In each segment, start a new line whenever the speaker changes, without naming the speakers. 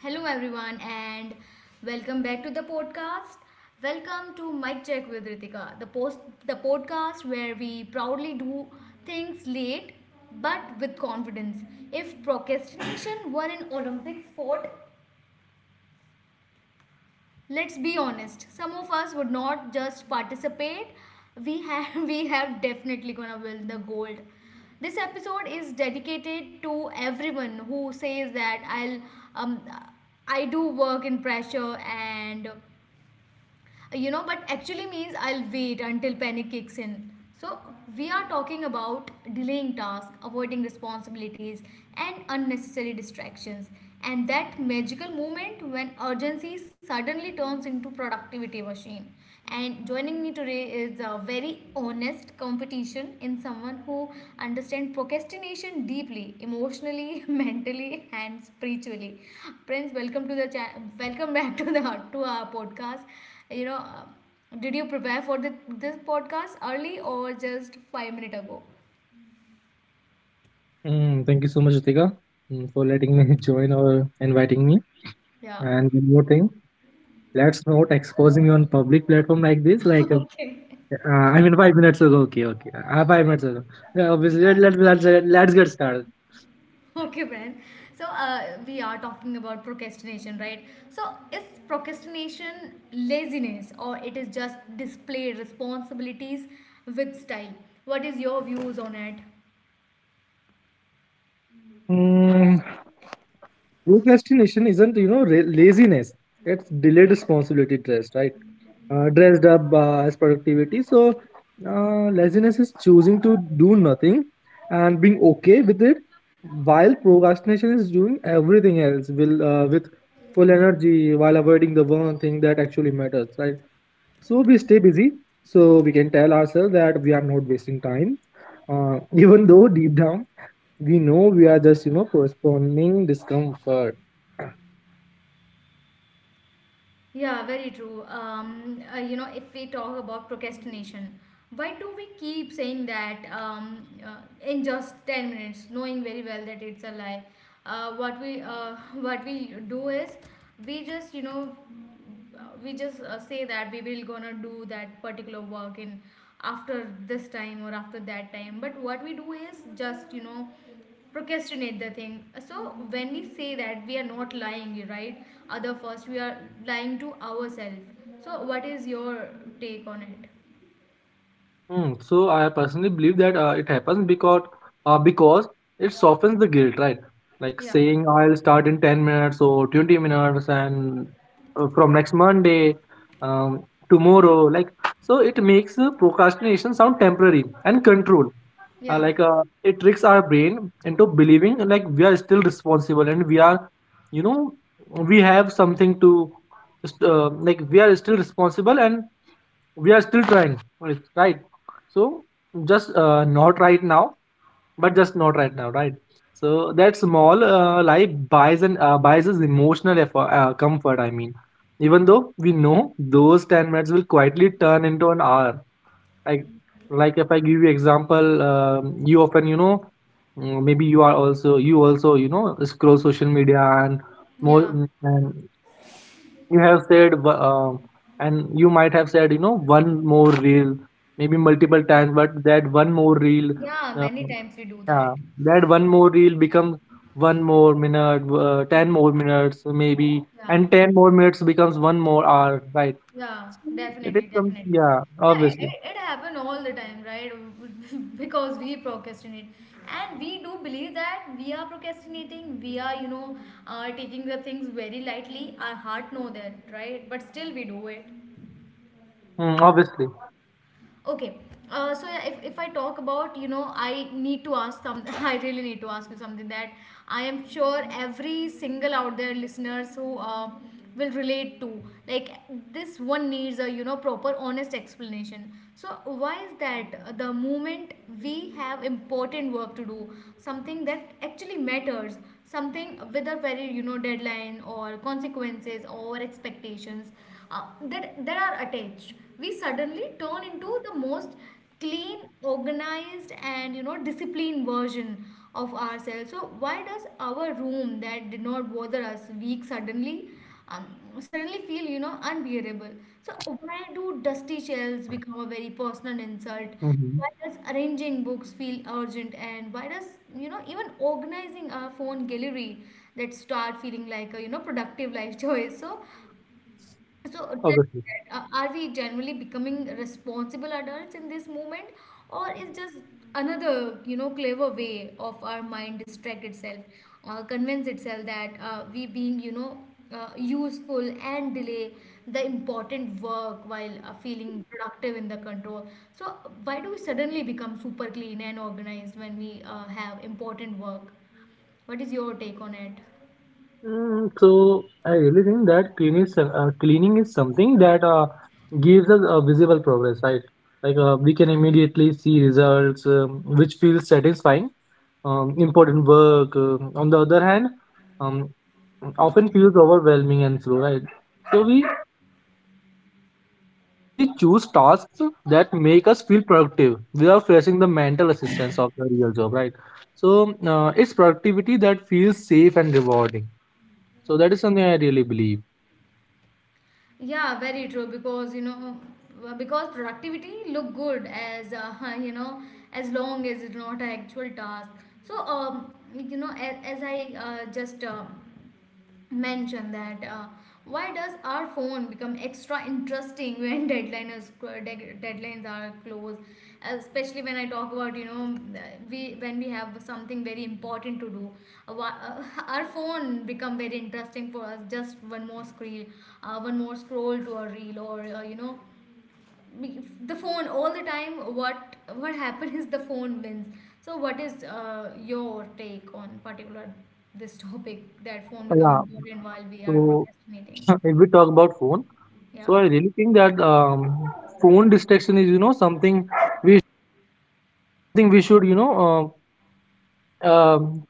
Hello, everyone, and welcome back to the podcast. Welcome to Mic Check with Ritika, the podcast where we proudly do things late but with confidence. If procrastination were an Olympic sport, let's be honest, some of us would not just participate, we have we have definitely gonna win the gold. This episode is dedicated to everyone who says that um I do work in pressure, and, but actually means I'll wait until panic kicks in. So we are talking about delaying tasks, avoiding responsibilities, and unnecessary distractions, and that magical moment when urgency suddenly turns into productivity machine. And joining me today is a very honest competition in someone who understands procrastination deeply, emotionally, mentally, and spiritually. Prince, welcome back to our podcast. You know, did you prepare for this podcast early or just 5 minutes ago?
Mm, thank you so much, Ritika, mm, for letting me join or inviting me.
Yeah.
And one more thing, let's not expose me on public platform like this. Like,
Okay.
I mean, 5 minutes ago. Okay, okay. 5 minutes ago. Yeah, obviously, let's get started.
Okay, Brian. So we are talking about procrastination, right? So is procrastination laziness or it is just displayed responsibilities with style? What is your views on it?
Mm, procrastination isn't laziness, it's delayed responsibility dressed right, dressed up as productivity. So laziness is choosing to do nothing and being okay with it, while procrastination is doing everything else will with full energy, while avoiding the one thing that actually matters, right? So we stay busy so we can tell ourselves that we are not wasting time, even though deep down we know we are just, you know, postponing discomfort.
Yeah, very true. If we talk about procrastination, why do we keep saying that in just 10 minutes, knowing very well that it's a lie? What we what we do is we just you know we just say that we will gonna do that particular work in after this time or after that time, but what we do is just procrastinate the thing. So when we say that we are not lying, right, other first we are lying to ourselves. So what is your take on it?
Mm, so I personally believe that it happens because it softens the guilt, right? Like
Yeah,
saying I'll start in 10 minutes or 20 minutes and from next Monday, um, tomorrow, like. So it makes procrastination sound temporary and controlled. Uh,
yeah,
like uh, it tricks our brain into believing like we are still responsible and we are, you know, we have something to like we are still responsible and we are still trying, right? So just not right now, but just not right now, right? So that small lie buys and buys us emotional effort, comfort, I mean, even though we know those 10 minutes will quietly turn into an hour. like like if I give you example, you often, you know, mm, maybe you are also, you also, you know, scroll social media and more,
yeah,
mm, and you have said and you might have said, you know, one more reel, maybe multiple times. But that one more reel,
yeah,
uh,
many times we do that.
yeah, that one more reel becomes one more minute, 10 more minutes maybe,
Yeah.
and 10 more minutes becomes one more hour, right?
Yeah,
It is
definitely,
some,
definitely.
yeah,
Yeah, it,
obviously.
it, it happen all the time, right? Because we procrastinate. And we do believe that we are procrastinating, we are, taking the things very lightly. Our heart know that, right? But still we do it.
Mm, obviously.
Okay. So yeah, if I talk about, I need to ask some, I really need to ask you something that I am sure every single out there listeners who will relate to. Like this one needs a, proper honest explanation. So why is that the moment we have important work to do, something that actually matters, something with a very, deadline or consequences or expectations, that are attached, we suddenly turn into the most clean, organized, and disciplined version of ourselves. So why does our room that did not bother us week, um, suddenly feel unbearable? So why do dusty shelves become a very personal insult?
Hmm,
Why does arranging books feel urgent? And why does even organizing our phone gallery that start feeling like a, productive life choice? So, tell me
obviously.
that, are we generally becoming responsible adults in this moment, or is just another, clever way of our mind distract itself, convince itself that we being, useful, and delay the important work while feeling productive in the control. So, why do we suddenly become super clean and organized when we have important work? What is your take on it?
Mm, so I really think that cleaning is something that gives us a visible progress, right? Like we can immediately see results, which feels satisfying. Important work, um, on the other hand, um, often feels overwhelming and slow, right? So we so we choose tasks that make us feel productive without facing the mental assistance of the real job, right? So it's productivity that feels safe and rewarding. So that is something I really believe.
Yeah, very true. Because because productivity look good as as long as it's not an actual task. So as I just mention that, why does our phone become extra interesting when deadlines are close, especially when I talk about, we when we have something very important to do? Uh, wha- uh, our phone become very interesting for us, just one more screen, one more scroll to a reel, or the phone all the time. What happens is the phone wins. So what is your take on particular this topic that phone become
Yeah.
important while we are
So
procrastinating?
if we talk about phone,
Yeah,
so I really think that, phone distraction is, you know, we something we should, you know, uh, um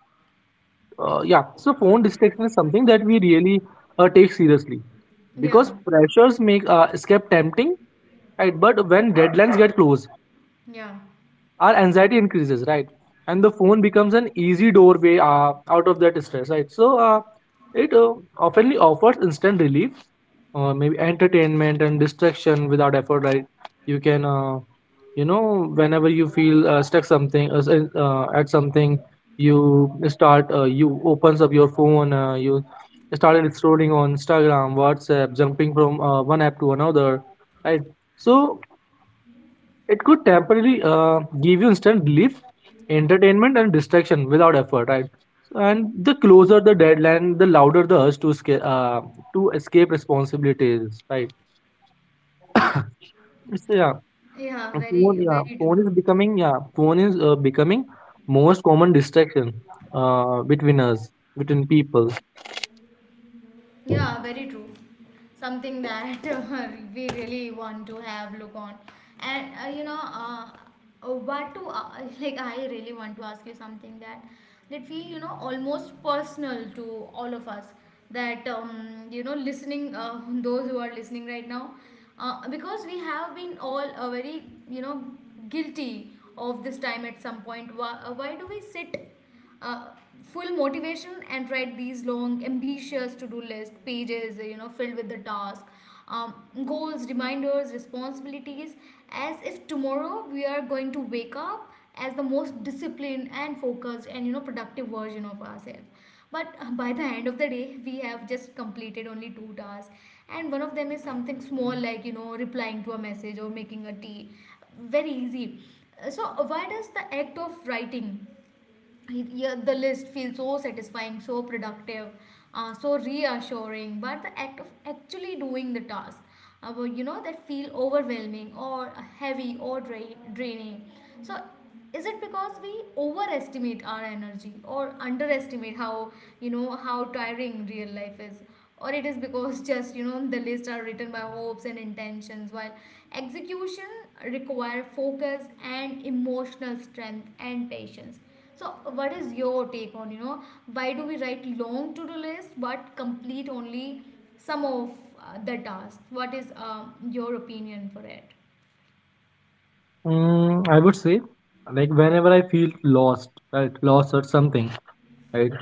yeah. So phone distraction is something that we really take seriously because
yeah,
pressures make escape tempting, right? But when deadlines get close,
yeah,
our anxiety increases, right? And the phone becomes an easy doorway out of that stress, right? So it often offers instant relief, maybe entertainment and distraction without effort, right? You can, you know, whenever you feel stuck at something, you start, you opens up your phone, you started scrolling on Instagram, WhatsApp, jumping from one app to another, right? So it could temporarily give you instant relief, entertainment, and distraction without effort, right? And the closer the deadline, the louder the urge to escape responsibilities, right? So yeah,
yeah, very, very
phone is
true.
becoming, yeah, phone is becoming most common distraction between us, between people.
Yeah, very true. Something that we really want to have look on, and what to like. I really want to ask you something that feel almost personal to all of us. That listening those who are listening right now, because we have been all very you know guilty of this time at some point. Why, why do we sit uh, full motivation and write these long ambitious to-do list pages, filled with the task, um, goals, reminders, responsibilities, as if tomorrow we are going to wake up as the most disciplined and focused and productive version of ourselves. But by the end of the day we have just completed only two tasks, and one of them is something small, like replying to a message or making a tea. Very easy. So why does the act of writing, yeah, the list feels so satisfying, so productive, so reassuring? But the act of actually doing the task, well, that feel overwhelming or heavy or draining. So, is it because we overestimate our energy or underestimate how, how tiring real life is? Or it is because just the lists are written by hopes and intentions, while execution require focus and emotional strength and patience. So what is your take on, why do we write long to-do list but complete only some of the tasks? What is your opinion for it?
Mm, I would say, like whenever I feel lost, right, lost or something, right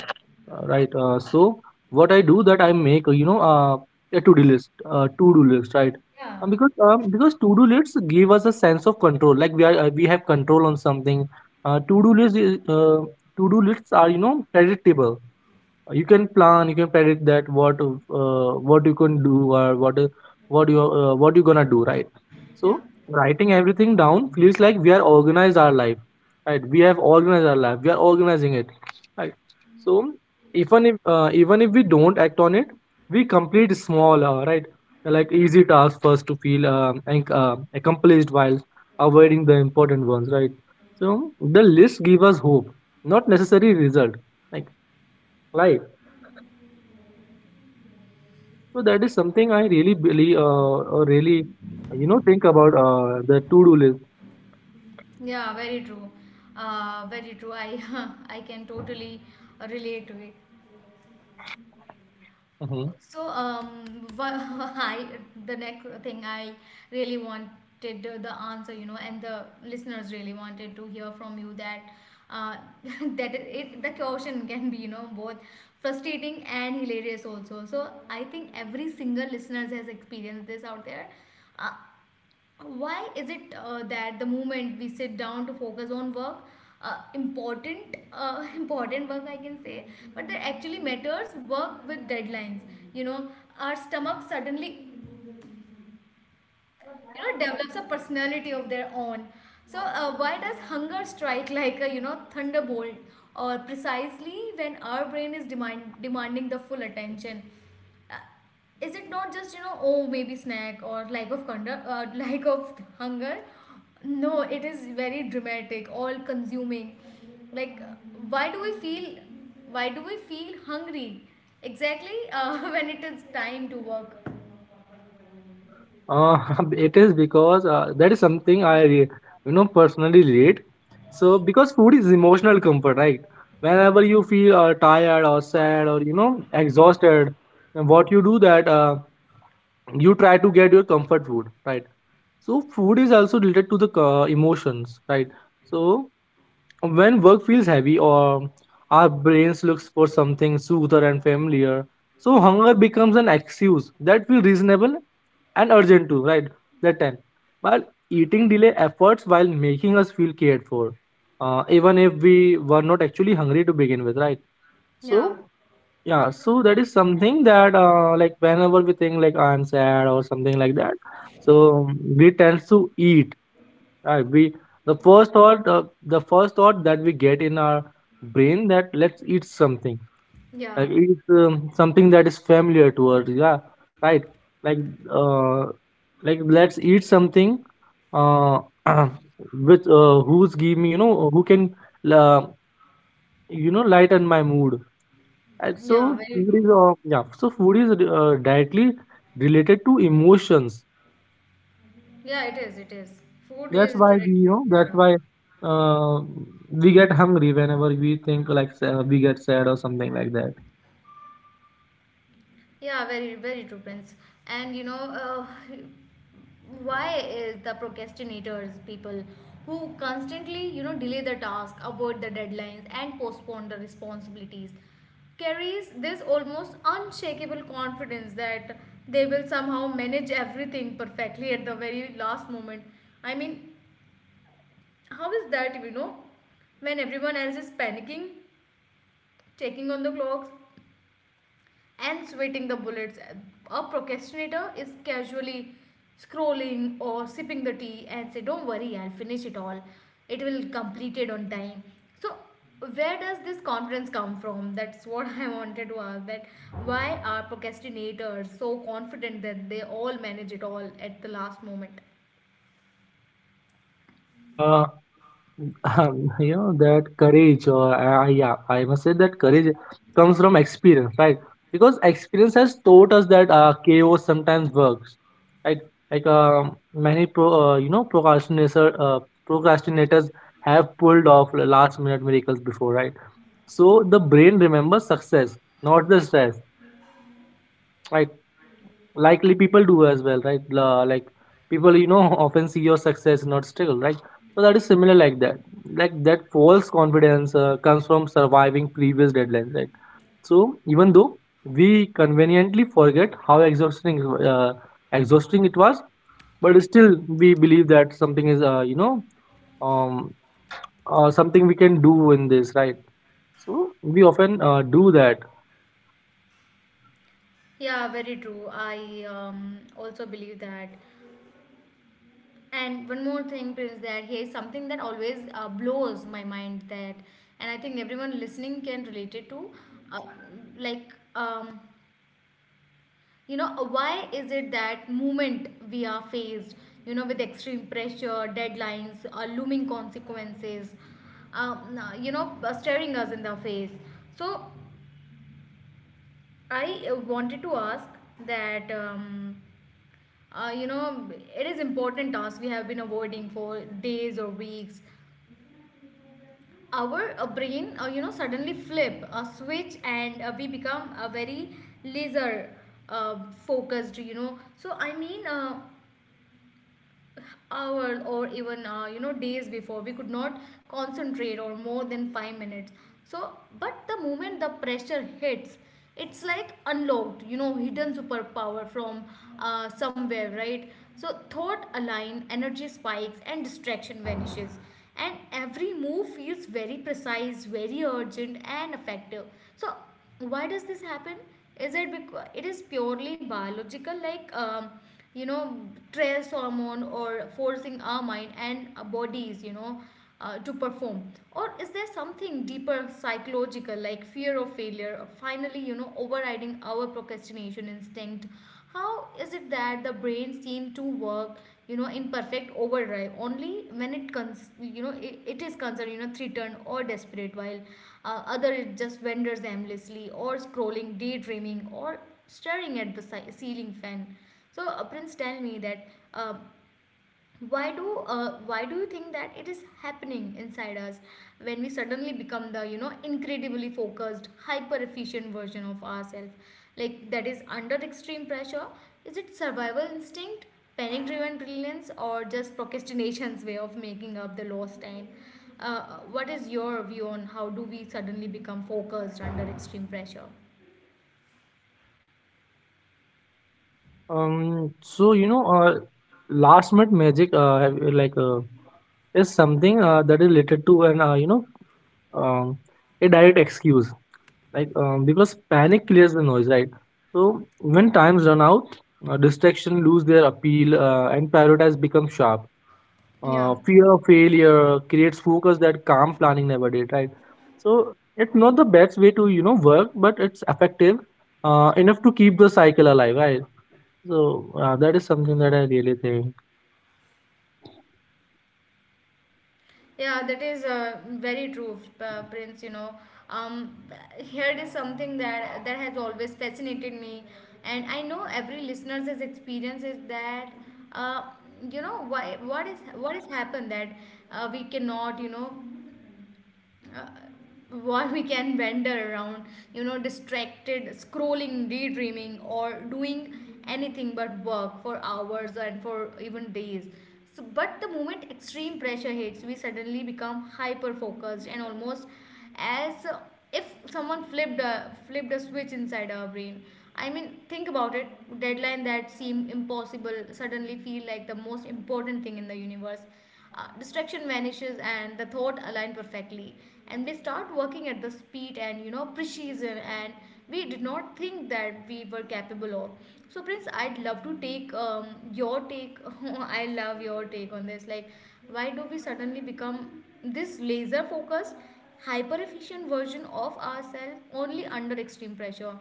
right so what I do, that I make, a to-do list, to-do list, right?
Yeah,
Because because to-do lists give us a sense of control, like we are, we have control on something. uh, to-do list is, uh, To-do lists are, you know, predictable. You can plan, you can predict that what, what you can do or what, what you gonna do, right? So
yeah,
writing everything down feels like we are organized our life, right, we have organized our life, we are organizing it, right? So even if we don't act on it, we complete small, right, like easy tasks first to feel, accomplished, while avoiding the important ones, right? So the list give us hope, not necessary result, like life. So that is something I really really, or really, you know, think about the to-do list.
yeah, very true. Very true. I I can totally relate to it.
Hmm.
So, I the next thing I really wanted, the answer, you know, and the listeners really wanted to hear from you that, uh, that, it the question can be, you know, both frustrating and hilarious also. So I think every single listeners has experienced this out there. Uh, why is it that the moment we sit down to focus on work, important important work, I can say, but that actually matters, work with deadlines, you know our stomach suddenly develops a personality of their own. So why does hunger strike like a, thunderbolt, or precisely when our brain is demanding the full attention? uh, is it not just, oh, maybe snack or lack of lack of hunger? No, it is very dramatic, all consuming, like, why do we feel, hungry exactly when it is time to work?
Uh, it is because, that is something I, you know, personally relate. So because food is emotional comfort, right? Whenever you feel, tired or sad or, you know, exhausted, and what you do that, you try to get your comfort food, right? So food is also related to the, emotions, right? So when work feels heavy, or our brains looks for something soother and familiar, so hunger becomes an excuse that feels reasonable and urgent too, right? That 10, while eating delay efforts while making us feel cared for, even if we were not actually hungry to begin with, right?
Yeah,
So yeah, so that is something that, like whenever we think like I'm sad or something like that, so we tend to eat. Right, we the first thought, the first thought that we get in our brain, that let's eat something,
yeah,
like eat, something that is familiar to us, yeah, right. Like uh like let's eat something, uh with, who's give me, you know, who can, uh, you know, lighten my mood. And so
yeah, very
food
true.
is, yeah, so food is, directly related to emotions.
Yeah, it is. It is. Food
That's
is
why we, you
directly.
know, that's
Yeah,
why, uh, we get hungry whenever we think like we get sad or something like that.
yeah. Very, very true, Prince. And why is the procrastinators people who constantly, delay the task, avoid the deadlines, and postpone the responsibilities, carries this almost unshakable confidence that they will somehow manage everything perfectly at the very last moment. I mean, how is that? You know, when everyone else is panicking, checking on the clocks and sweating the bullets. A procrastinator is casually scrolling or sipping the tea and say, "Don't worry, I'll finish it all. It will complete it on time." So, where does this confidence come from? That's what I wanted to ask. That why are procrastinators so confident that they all manage it all at the last moment?
Uh, you know, that courage or, yeah, I must say that courage comes from experience, right? Because experience has taught us that, chaos sometimes works, right? Like, many procrastinators have pulled off last minute miracles before, right? So the brain remembers success, not the stress, right? Likely people do as well, right. Like people, you know, often see your success, not struggle, right? So that is similar like that, like that false confidence, comes from surviving previous deadlines, right? So even though we conveniently forget how exhausting it was, but still we believe that something is, um something we can do in this, right? So we often, do that.
Yeah, very true. I also believe that. And one more thing, Prince, that here's something that always blows my mind, that, and I think everyone listening can relate it to, uh, like, why is it that moment we are faced, with extreme pressure, deadlines, looming consequences, staring us in the face. So I wanted to ask that, um, uh, you know, it is important task we have been avoiding for days or weeks. Our brain, uh, suddenly flip a switch and we become a very laser uh, focused, hours or even uh, days before we could not concentrate or more than 5 minutes. So but the moment the pressure hits, it's like unlocked, you know, hidden superpower from somewhere, right? So thought align, energy spikes, and distraction vanishes, and every move feels very precise, very urgent, and effective. So why does this happen? Is it because it is purely biological, like um, you know stress hormone or forcing our mind and our bodies, you know, to perform? Or is there something deeper psychological, like fear of failure or finally, you know, overriding our procrastination instinct? How is it that the brain seems to work, you know, in perfect overdrive only when it cons you know it, it is concerned, you know, threatened or desperate, while other it just wanders aimlessly, or scrolling, daydreaming, or staring at the ceiling fan. So Prince, tell me that uh, why do you think that it is happening inside us when we suddenly become the, you know, incredibly focused, hyper efficient version of ourselves, like that is under extreme pressure? Is it survival instinct, panic driven brilliance, or just procrastination's way of making up the lost time? Uh, what is your view on how do we suddenly become focused under extreme pressure?
So you know, last minute magic, have- like, is something, that is related to an, um, a direct excuse, like, because panic clears the noise, right? So when times run out, distraction lose their appeal, and prioritize become sharp.
Yeah.
Fear of failure creates focus that calm planning never did, right? So it's not the best way to, you know, work, but it's effective, enough to keep the cycle alive, right? So, that is something that I really think.
Yeah, that is very true, Prince. You know, um, here it is something that has always fascinated me, and I know every listener's experience is that, uh, why what is what has happened that we cannot, you know, uh, what we can wander around, you know, distracted, scrolling, daydreaming, or doing anything but work for hours and for even days. So, but the moment extreme pressure hits, we suddenly become hyper focused and almost as if someone flipped a switch inside our brain. I mean, think about it. Deadline that seemed impossible suddenly feel like the most important thing in the universe. Distraction vanishes and the thought align perfectly, and we start working at the speed and, you know, precision and we did not think that we were capable of. So Prince, I'd love to take your take I love your take on this. Like why do we suddenly become this laser focused, hyper efficient version of ourselves only under extreme pressure?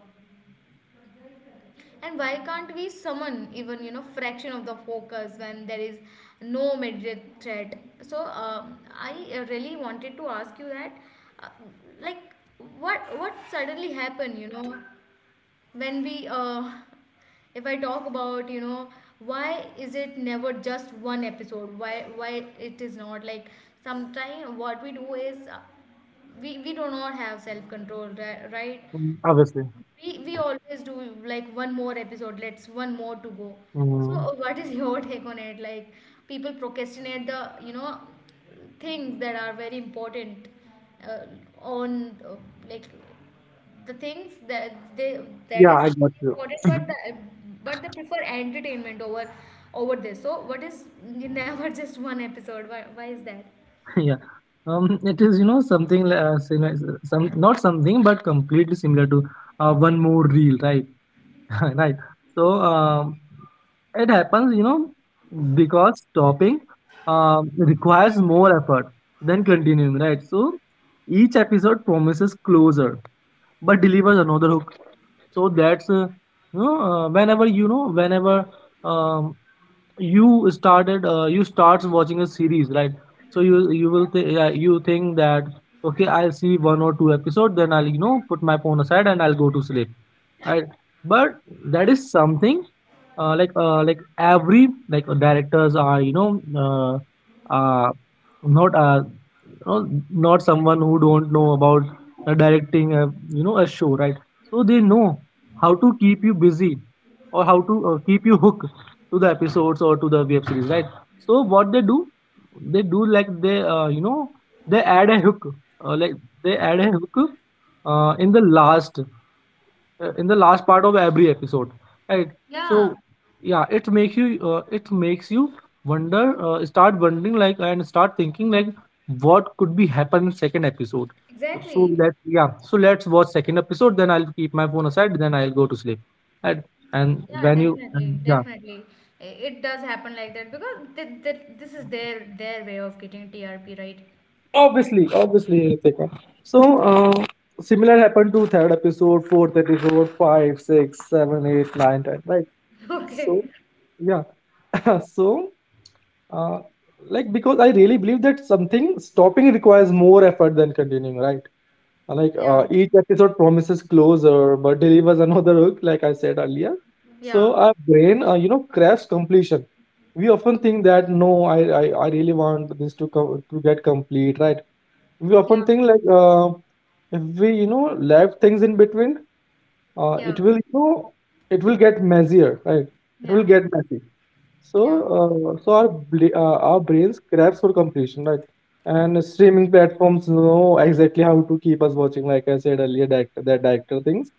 And why can't we summon even, you know, fraction of the focus when there is no immediate threat? So I really wanted to ask you that, uh, like what suddenly happened, you know, when we if I talk about, you know, why is it never just one episode? Why it is not like, sometimes what we do is, uh, we do not have self control, right?
Mm, obviously.
We always do like one more episode, let's one more to go. So
Mm,
what is your take on it? Like people procrastinate the, you know, things that are very important uh, on like the things that they, that
yeah,
is
I got
really
you.
important, but the but they prefer entertainment over over this. So what is never just one episode? Why is that?
Yeah. It is, you know, something, li- similar, some not something, but completely similar to, one more reel, right? Right. So, it happens, you know, because stopping, requires more effort than continuing, right? So, each episode promises closer but delivers another hook. So that's, whenever, um, you starts watching a series, right? So you will yeah, you think that okay, I'll see one or two episode, then I'll, you know, put my phone aside and I'll go to sleep, right? But that is something, like directors are, you know, uh, uh not you know, not someone who don't know about, directing a, you know, a show, right? So they know how to keep you busy, or how to, keep you hooked to the episodes or to the web series, right? So what they do, they do like they, you know they add a hook like they add a hook, uh, in the last in the last part of every episode, right?
Yeah,
So yeah, it makes you wonder, start thinking like what could be happen in second episode. So
exactly.
that yeah, so let's watch second episode, then I'll keep my phone aside, then I'll go to sleep. and and
Yeah,
when you
definitely,
and, yeah.
definitely. It does happen like that because this is their way of getting TRP, right?
Obviously, obviously, Ritika. So uh, similar happened to third episode fourth episode 5, 6, 7, 8, 9, 10, right?
Okay.
So yeah. So uh, because I really believe that something stopping requires more effort than continuing, right?
Yeah.
Each episode promises closure but delivers another hook, like I said earlier. So
Yeah.
our brain, craves completion. We often think that no, I really want this to get complete, right? We
Yeah.
often think if we, you know, left things in between,
Yeah.
it will, you know, it will get messier, right? It will
Yeah.
get messy. so,
Yeah.
uh, so our brains grabs for completion, right? And streaming platforms know exactly how to keep us watching, like I said earlier, director, that director things,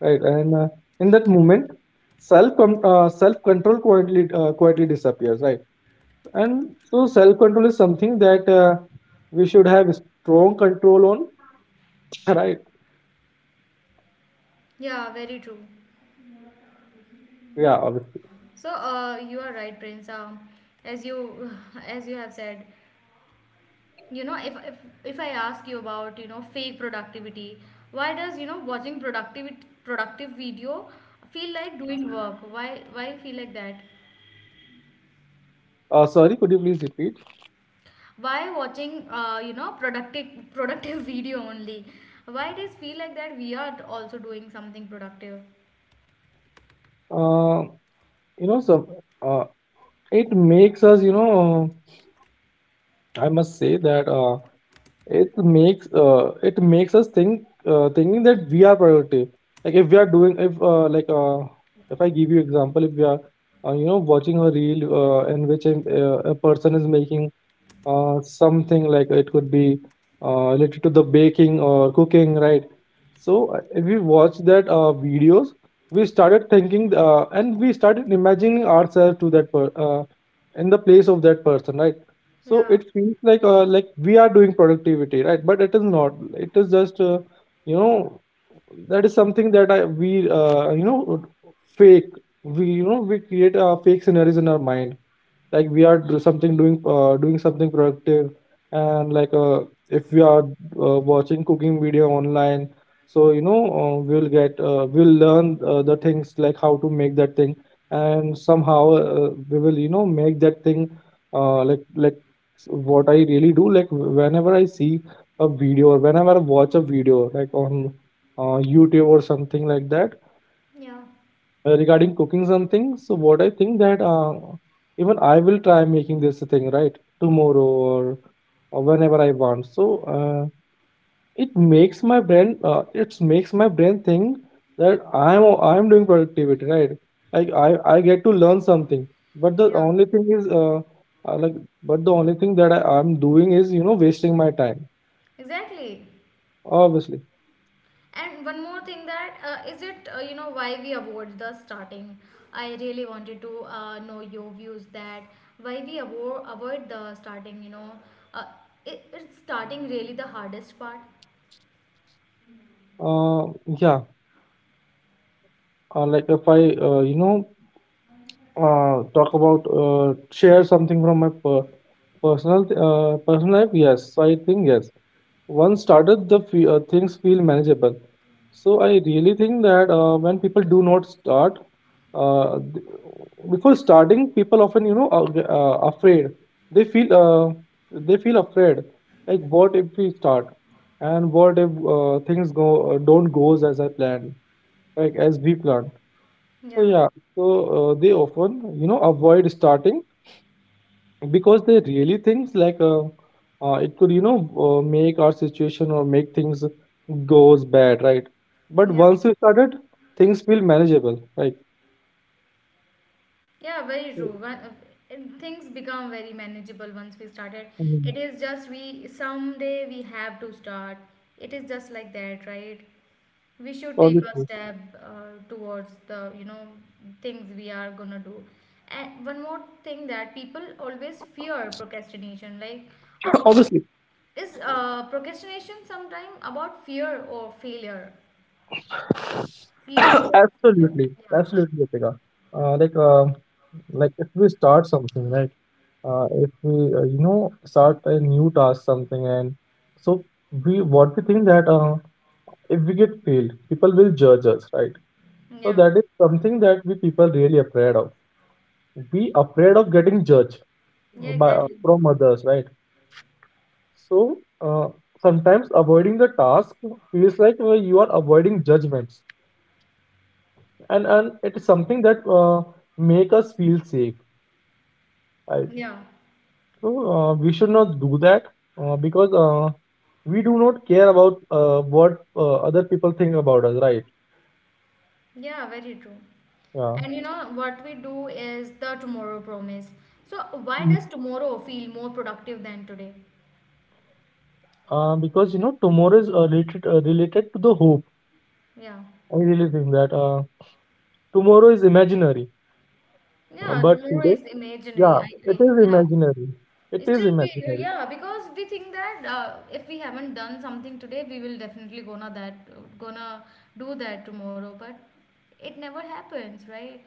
right? And in that moment, self control quietly disappears, right? And so, self control is something that we should have strong control on, right?
Yeah. very true.
Yeah, obviously.
So, you are right, Prince. As you as you have said, you know, if I ask you about, you know, fake productivity, why does, you know, watching productivity productive video feel like doing work? Why feel like that?
Sorry, could you please repeat?
Why watching you know, productive video only, why it is feel like that we are also doing something productive?
Uh, you know, some uh, it makes us, you know, I must say that. It makes us think, thinking that we are productive. Like if we are doing, if I give you example, if we are, you know, watching a reel in which a person is making something, like it could be related to the baking or cooking, right? So if we watch that videos, we started thinking, and we started imagining ourselves to that per in the place of that person, right? So
Yeah,
it feels like, we are doing productivity, right? But it is not. It is just you know, that is something that I we you know, fake. We, you know, we create fake scenarios in our mind, like we are do something doing doing something productive. And if we are, watching cooking video online, so, you know, we'll learn the things like how to make that thing, and somehow, we will, you know, make that thing, like what I really do. Like whenever I see a video or whenever I watch a video like on YouTube or something like that,
yeah,
regarding cooking something, so what I think that, even I will try making this thing, right? Tomorrow or whenever I want. So, it makes my brain think that I'm doing productivity, right? Like I get to learn something, but the
yeah,
only thing is uh like but the only thing that I'm doing is, you know, wasting my time,
exactly.
obviously.
And one more thing that is it, you know, why we avoid the starting? I really wanted to know your views that why we avoid the starting, you know, uh, it, it's starting really the hardest part.
Uh, yeah. Like if I You know, talk about, share something from my per personal, personal life. Yes, so I think yes. Once started, the fe things feel manageable. So I really think that when people do not start, uh, th- before starting, people often, you know, are afraid. They feel, they feel afraid. Like what if we start, and what if, things go don't goes as I planned, like as we planned. So
Yeah,
yeah, so they often, you know, avoid starting, because they really think it could, you know, make our situation or make things goes bad, right? But
yeah.
once you started, things feel manageable, right?
Yeah, very true. One and things become very manageable once we started. It
Mhm.
is just we someday we have to start. It is just like that, right? We should take a
Obviously.
step towards the, you know, things we are gonna do. And one more thing that people always fear procrastination. Like, uh, is
Obviously.
is procrastination sometime about fear or failure? Fear. Fear of failure.
Absolutely,
Yeah.
absolutely, Ritika. Uh, like uh, like if we start something, right? If we You know, start a new task, something, and so we, what we think that. If we get failed, people will judge us, right? So
Yeah.
that is something that we people really afraid of. We afraid of getting judged
Yeah.
by,
Exactly.
from others, right? So, sometimes avoiding the task feels like, you are avoiding judgments, and it is something that make us feel safe. Right?
Yeah.
So, we should not do that because we do not care about what other people think about us, right?
Yeah, very true.
Yeah.
And you know what we do is the tomorrow promise. So why does tomorrow feel more productive than today?
Because, you know, tomorrow is, related to the hope.
Yeah.
I really think that tomorrow is imaginary.
Yeah,
But
tomorrow
today,
is imaginary.
yeah,
I,
it
I
is
yeah.
imaginary. It is
Still, we,
imaginary.
yeah, because we think that if we haven't done something today, we will definitely gonna that gonna do that tomorrow. But it never happens, right?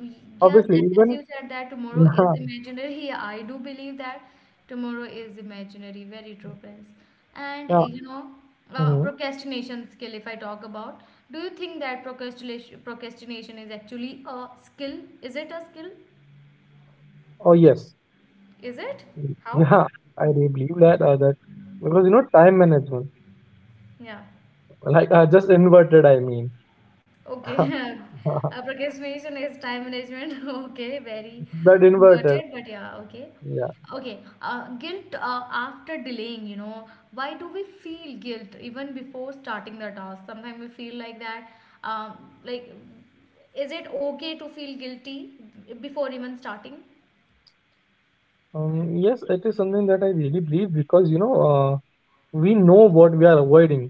Yes,
Obviously,
and as
even
you said that tomorrow is
yeah,
imaginary. Yeah, I do believe that tomorrow is imaginary. Very true, Prince. And
yeah.
you know,
Mhm.
procrastination skill. If I talk about, do you think that procrastination is actually a skill? Is it a skill?
Oh yes,
Is it? How?
yeah. I really believe that because, you know, time management,
Yeah.
just inverted. I mean,
Okay, procrastination is time management. Okay, very
that inverted.
noted, but yeah, okay.
Yeah.
Okay, guilt after delaying, you know, why do we feel guilt even before starting the task? Sometimes we feel like that. Um, like, is it okay to feel guilty before even starting?
Yes, it is something that I really believe, because, you know, we know what we are avoiding,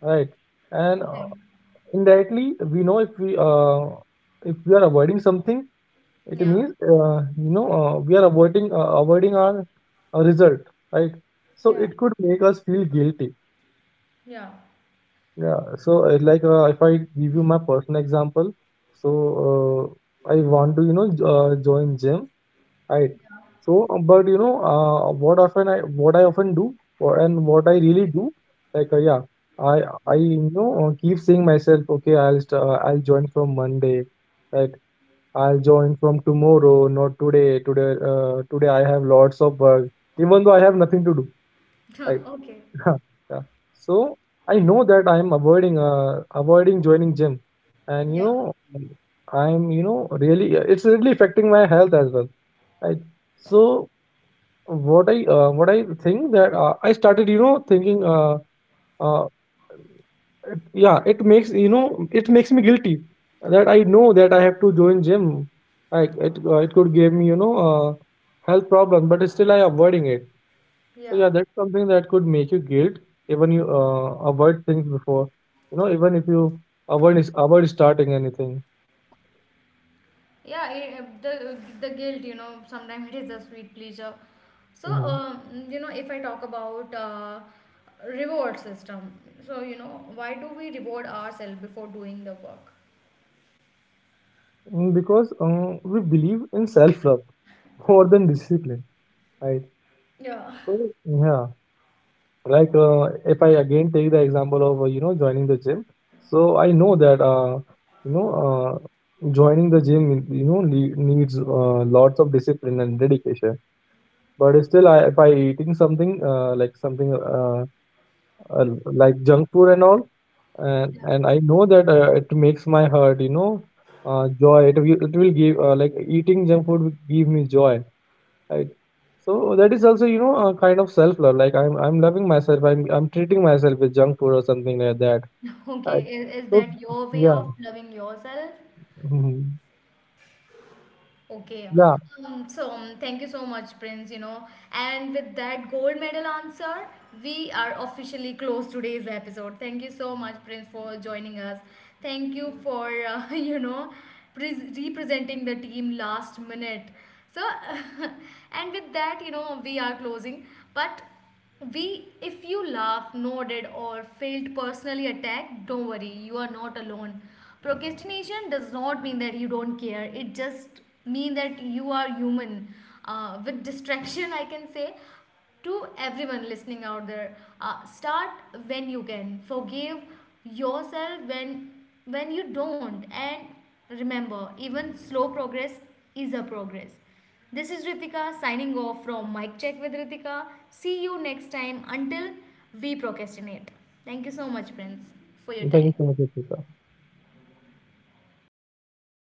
right? And
Yeah,
indirectly we know if we, if we are avoiding something, it
yeah,
means, you know, we are avoiding, avoiding our, result, right? So
yeah,
it could make us feel guilty.
yeah,
Yeah, so, if I give you my personal example. So, I want to, you know, join gym. Right.
yeah.
So, but you know, what often I, what I often do, or, and what I really do,
Procrastinate.
yeah, I you know, keep saying myself, okay, I'll join from Monday, right? I'll join from tomorrow, not today. Today, today I have lots of work, even though I have nothing to do. Right.
okay,
Yeah. So I know that I'm avoiding joining gym, and you
yeah,
know, really it's really affecting my health as well. Right. So what I, what I think that, I started, you know, thinking, uh, it, yeah, it makes, you know, it makes me guilty that I know that I have to join gym. Like it, it could give me, you know, uh, health problem, but still I avoiding it. So yeah,
yeah.
that's something that could make you guilt. Even you avoid things before, you know, even if you avoid starting anything.
Yeah, I- the eh, the guilt, you know, sometimes it is a sweet pleasure. So
Hmm.
you know, if I talk about reward system, so you know, why do we reward ourselves before doing the work?
Mm, because we believe in self love more than discipline, right?
Yeah.
So yeah. If I again take the example of, you know, joining the gym. So I know that, you know, joining the gym, you know, needs lots of discipline and dedication. But still if I eating something uh, like junk food and all, and
Yeah.
and I know that, it makes my heart, you know, joy, it will give, like eating junk food will give me joy, right? So that is also, you know, a kind of self love. Like I'm loving myself, I'm treating myself with junk food or something like that.
Okay,
Right.
is
So
that your way
yeah.
of loving yourself?
Mhm.
Okay.
Yeah.
So thank you so much, Prince. You know, and with that gold medal answer, we are officially close today's episode. Thank you so much, Prince, for joining us. Thank you for you know, pres representing the team last minute. So, and with that, you know, we are closing. But we, if you laughed, nodded, or felt personally attacked, don't worry, you are not alone. Procrastination does not mean that you don't care. It just means that you are human. With distraction, I can say to everyone listening out there, start when you can. Forgive yourself when you don't, and remember, even slow progress is a progress. This is Ritika signing off from Mic Check with Ritika. See you next time until we procrastinate. Thank you so much, friends, for your
Thank you
time.
so much, Ruchita.